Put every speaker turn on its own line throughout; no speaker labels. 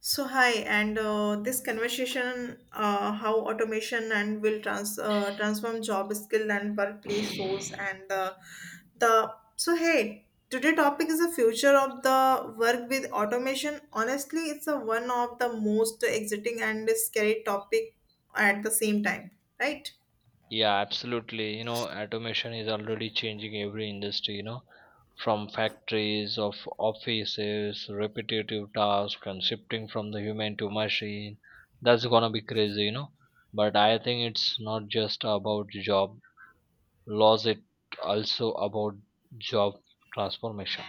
So hi, and this conversation, how automation and will transform job skill and workplace roles and the so Hey, today topic is the future of the work with automation. Honestly, it's a one of the most exciting and scary topic at the same time, right?
Yeah, absolutely. You know, automation is already changing every industry, you know, from factories of offices, repetitive tasks and shifting from the human to machine. That's gonna be crazy, you know. But I think it's not just about job loss, it also about job transformation.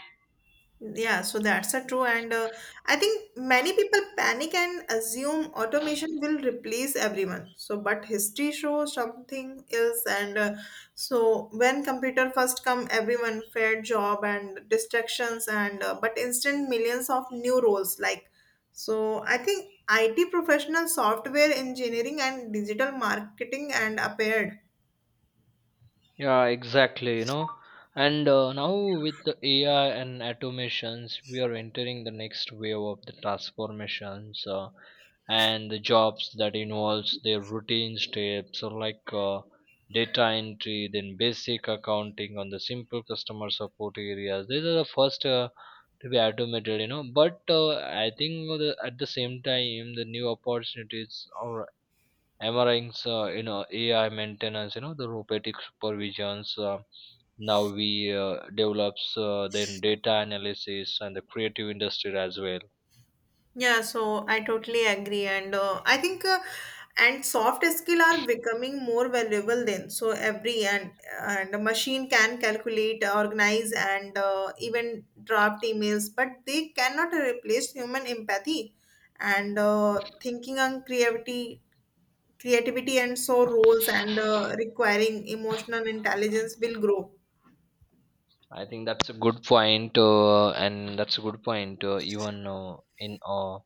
Yeah, so that's a true, and I think many people panic and assume automation will replace everyone. So, but history shows something else, and so when computer first come, everyone fair job and distractions, and but instant millions of new roles. So I think IT professional, software engineering, and digital marketing and appeared.
Yeah, exactly, you know. And Now with the AI and automations, we are entering the next wave of the transformations and the jobs that involves the routine steps or like data entry, then basic accounting on the simple customer support areas. These are the first to be automated, you know. But I think at the same time, the new opportunities are MRIs, you know, AI maintenance, you know, the robotic supervisions. Now we develops then data analysis and the creative industry as well.
Yeah, so I totally agree, and I think and soft skill are becoming more valuable then. So every and a machine can calculate, organize, and even draft emails, but they cannot replace human empathy and thinking and creativity, and so roles and requiring emotional intelligence will grow.
I think that's a good point, and that's a good point. Even in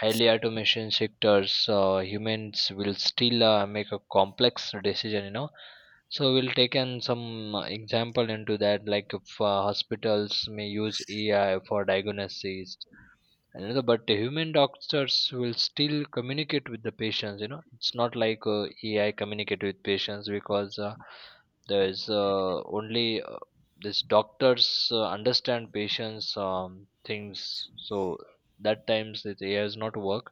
highly automation sectors, humans will still make a complex decision. You know, so we'll take an some example into that. Like if hospitals may use AI for diagnosis, and you know, but the human doctors will still communicate with the patients, you know. It's not like AI communicate with patients, because there is only this doctors understand patients things. So that times that AI does not work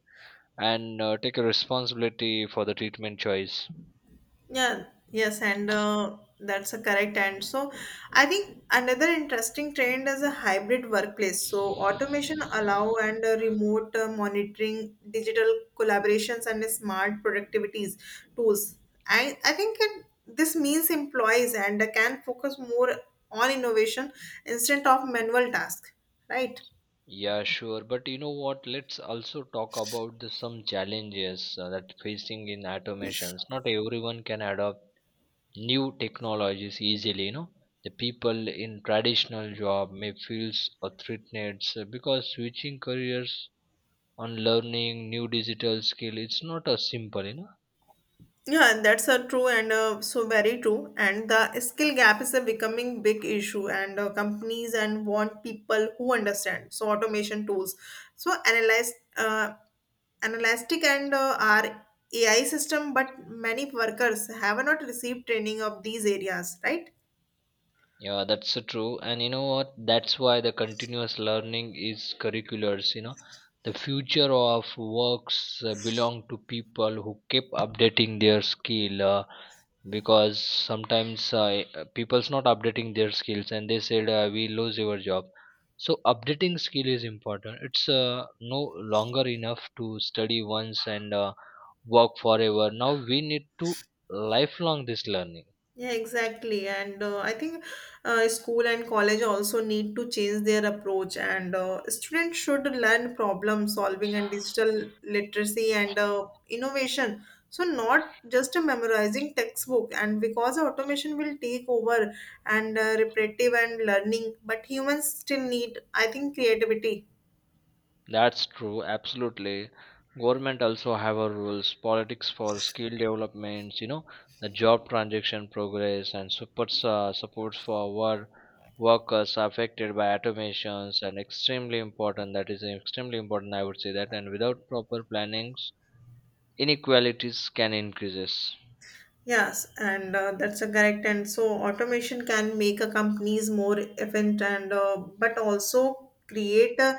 and take a responsibility for the treatment choice.
Yeah, yes, and that's a correct. And so I think another interesting trend is a hybrid workplace. So automation allow and remote monitoring, digital collaborations, and smart productivities tools. I think it, this means employees and can focus more on innovation instead of manual tasks, right?
Yeah, sure. But you know what, let's also talk about some challenges that facing in automations. Not everyone can adopt new technologies easily, you know. The people in traditional job may feel threatened, so because switching careers on learning new digital skill, it's not a simple, you know.
Yeah, and that's a true and so very true. And the skill gap is a becoming big issue, and companies and want people who understand. So automation tools, so analytic and our AI system, but many workers have not received training of these areas, right?
Yeah, that's true. And you know what, that's why the continuous learning is curriculars, you know. The future of works belong to people who keep updating their skill because sometimes people's not updating their skills and they said we lose your job. So updating skill is important. It's no longer enough to study once and work forever. Now we need to lifelong this learning.
Yeah, exactly. And I think school and college also need to change their approach. And students should learn problem solving and digital literacy and innovation. So, not just memorizing textbook. And because automation will take over and repetitive and learning, but humans still need, I think, creativity.
That's true, absolutely. Government also have a rules, politics for skill developments, you know, the job transaction progress and supports for workers affected by automations and extremely important. That is extremely important, I would say that. And without proper plannings, inequalities can increases.
Yes, and that's a correct. And so automation can make a companies more efficient and but also create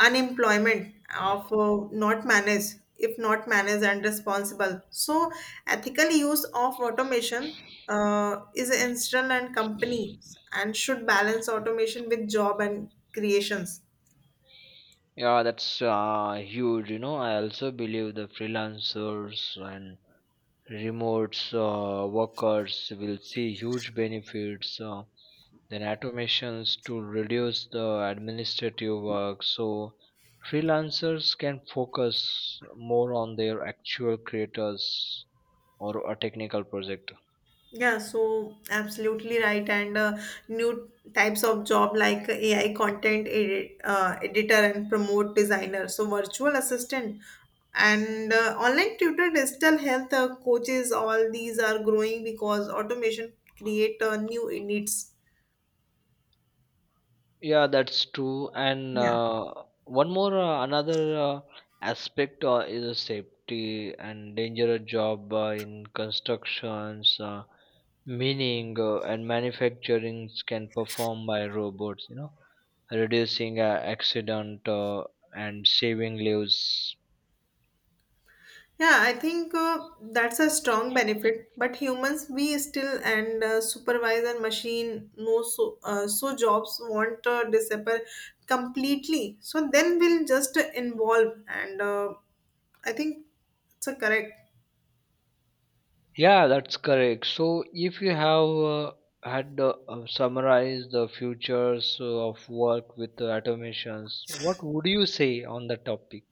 unemployment of not managed if not managed and responsible. So ethical use of automation is essential and companies and should balance automation with job and creations.
Yeah, that's huge. You know, I also believe the freelancers and remote workers will see huge benefits. Then automations to reduce the administrative work, so freelancers can focus more on their actual creators or a technical project.
Yeah, so absolutely right. And new types of job like AI content editor and promote designer, so virtual assistant and online tutor, digital health coaches, all these are growing because automation create new needs.
Yeah, that's true and
Yeah.
one more another aspect is a safety and dangerous job in constructions. Meaning and manufacturing can perform by robots, you know, reducing accident and saving lives.
Yeah, I think that's a strong benefit. But humans, we still and supervisor machine no so jobs want to disappear completely. So then we'll just involve and I think it's a correct.
Yeah, that's correct. So if you have had summarized the futures of work with the automations, what would you say on the topic?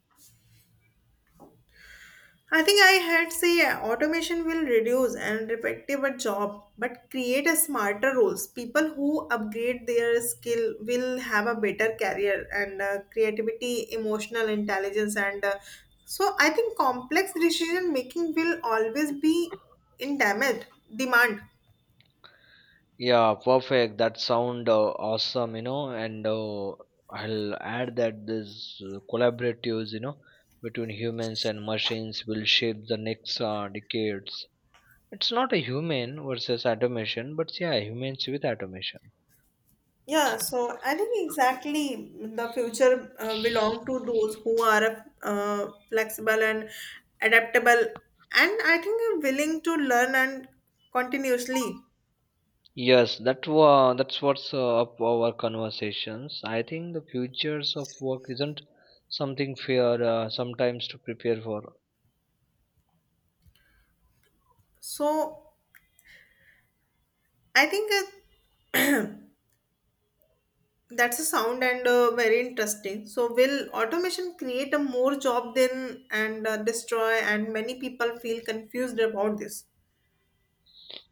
I think I had say yeah, automation will reduce and repetitive a job, but create a smarter roles. People who upgrade their skill will have a better career and creativity, emotional intelligence, and so I think complex decision making will always be in demand.
Yeah, perfect. That sound awesome, you know, and I'll add that this collaboratives, you know, between humans and machines will shape the next decades. It's not a human versus automation, but yeah, humans with automation.
Yeah, so I think exactly the future belong to those who are flexible and adaptable, and I think are willing to learn and continuously.
Yes, that's what's up our conversations. I think the futures of work isn't something fair sometimes to prepare for.
So I think uh, that's a sound and very interesting. So will automation create a more job then and destroy? And many people feel confused about this.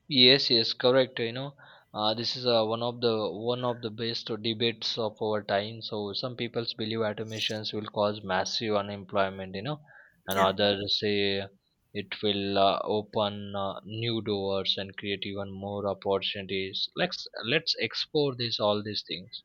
Yes, yes, correct. You know, this is one of the best debates of our time. So some people believe automations will cause massive unemployment. You know, and
Yeah.
others say it will open new doors and create even more opportunities. Let's explore this all these things.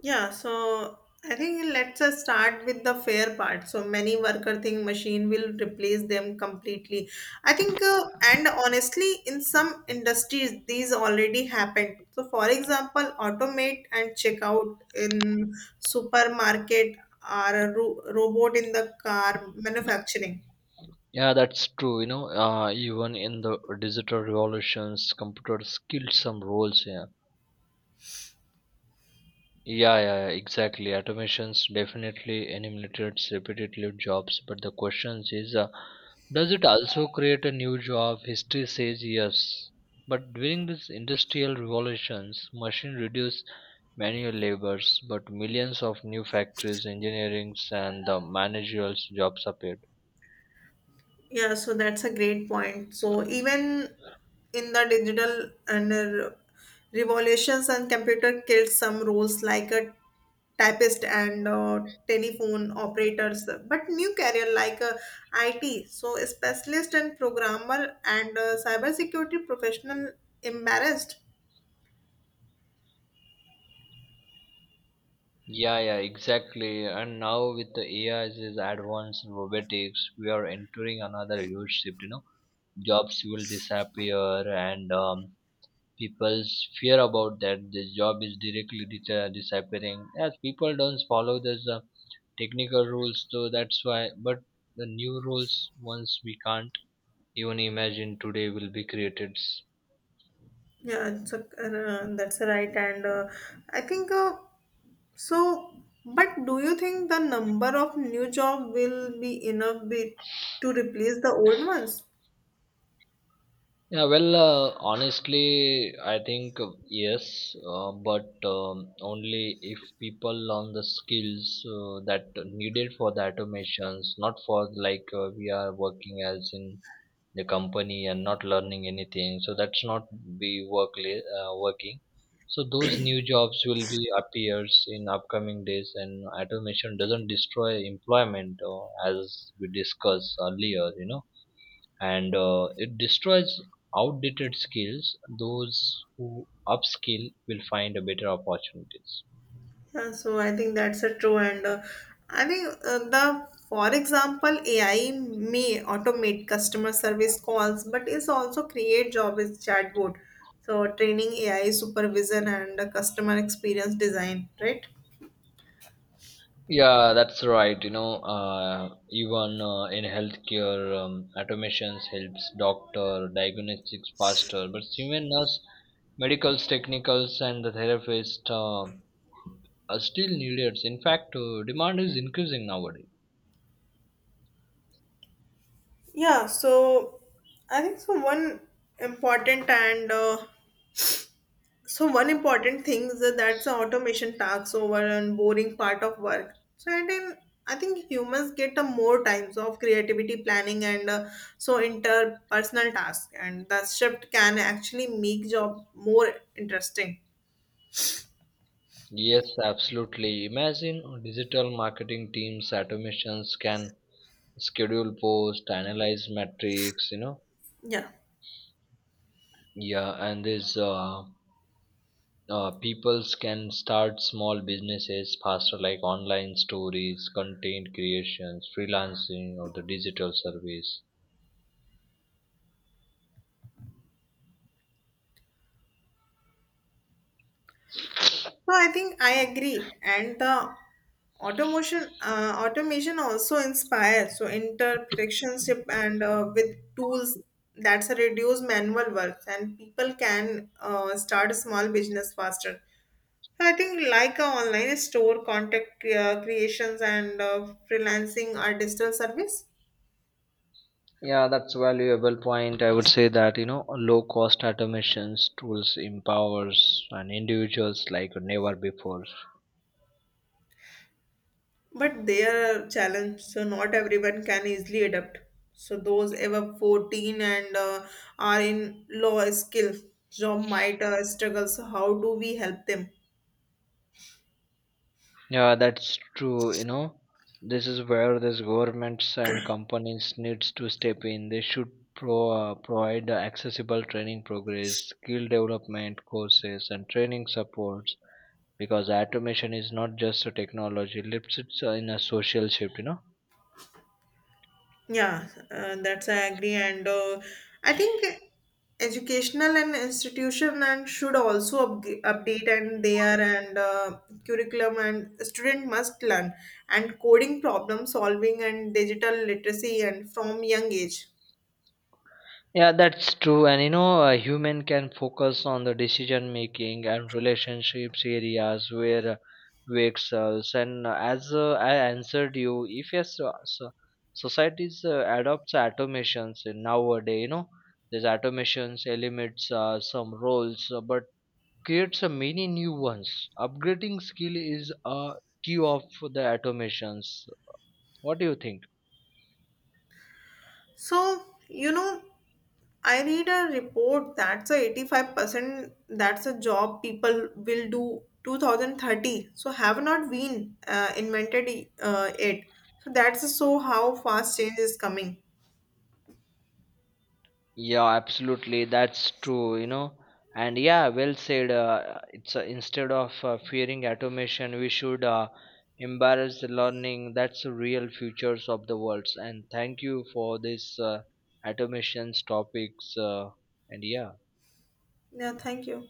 Yeah, so I think let's start with the fair part. So many worker think machine will replace them completely. I think, and honestly, in some industries, these already happened. So, for example, automate and checkout in supermarket or a robot in the car manufacturing.
Yeah, that's true. You know, even in the digital revolutions, computers killed some roles. Yeah. Yeah, exactly. Automations definitely eliminates repetitive jobs, but the question is, does it also create a new job? History says yes. But during these industrial revolutions, machine reduced manual labors, but millions of new factories, engineerings, and the managerial jobs appeared.
Yeah, so that's a great point. So even in the digital and revolutions and computer killed some roles like a typist and telephone operators, but new career like IT, so a specialist and programmer and cybersecurity professional embarrassed.
Yeah, yeah, exactly. And now with the AI's is advanced robotics, we are entering another huge shift. You know, jobs will disappear, and people's fear about that the job is directly disappearing. As people don't follow the technical rules, so that's why. But the new rules, once we can't even imagine today, will be created.
That's right. And I think. So, But do you think the number of new job will be enough be, to replace the old ones?
Yeah, well, honestly, I think yes, but only if people learn the skills that needed for the automations, not for like we are working as in the company and not learning anything. So that's not be working. So those new jobs will be appears in upcoming days, and automation doesn't destroy employment as we discussed earlier. You know, and it destroys outdated skills. Those who upskill will find a better opportunities.
Yeah, so I think that's a true and I think the for example AI may automate customer service calls but is also create job as chatbot. So training AI supervision and customer experience design, right?
Yeah, that's right. You know, uh, even in healthcare, automations helps doctor diagnostics faster, but human nurse, medicals, technicals, and the therapist are still needed. In fact, demand is increasing nowadays.
Yeah, so I think so one important and so one important thing is that that's the automation takes over and boring part of work. So and then I think humans get a more times of creativity planning and so interpersonal tasks, and that shift can actually make job more interesting.
Yes, absolutely. Imagine digital marketing teams, automations can schedule post analyze metrics, you know.
Yeah.
Yeah, and this peoples can start small businesses faster, like online stories, content creations, freelancing or the digital service.
No, I think I agree, and the automation also inspires so interpretationship and with tools that's a reduce manual work and people can start a small business faster. So, I think like a online store, contact creations and freelancing or digital service.
Yeah, that's valuable point, I would say that. You know, low cost automations tools empowers and individuals like never before.
But they are challenge, so not everyone can easily adapt. So those ever 14 and are in low skill job might struggle. So how do we help them?
Yeah, that's true. You know, this is where these governments and companies needs to step in. They should provide accessible training progress, skill development courses, and training supports. Because automation is not just a technology; it's in a social shift. You know.
Yeah, that's I agree, and I think educational and institution and should also update and they and curriculum and student must learn and coding problem solving and digital literacy and from young age.
Yeah, that's true. And you know, a human can focus on the decision making and relationships areas where we excels. And as I answered you, if yes, so societies adopts automations in nowadays. You know, these automations eliminates some roles, but creates a many new ones. Upgrading skill is a key of the automations. What do you think?
So you know I read a report that's a 85% that's a job people will do 2030. So have not been invented it. So that's so how fast change is coming.
Yeah, absolutely. That's true, you know. And yeah, well said. It's Instead of fearing automation, we should embrace the learning. That's the real futures of the worlds. And thank you for this automations topics. And yeah.
Yeah, thank you.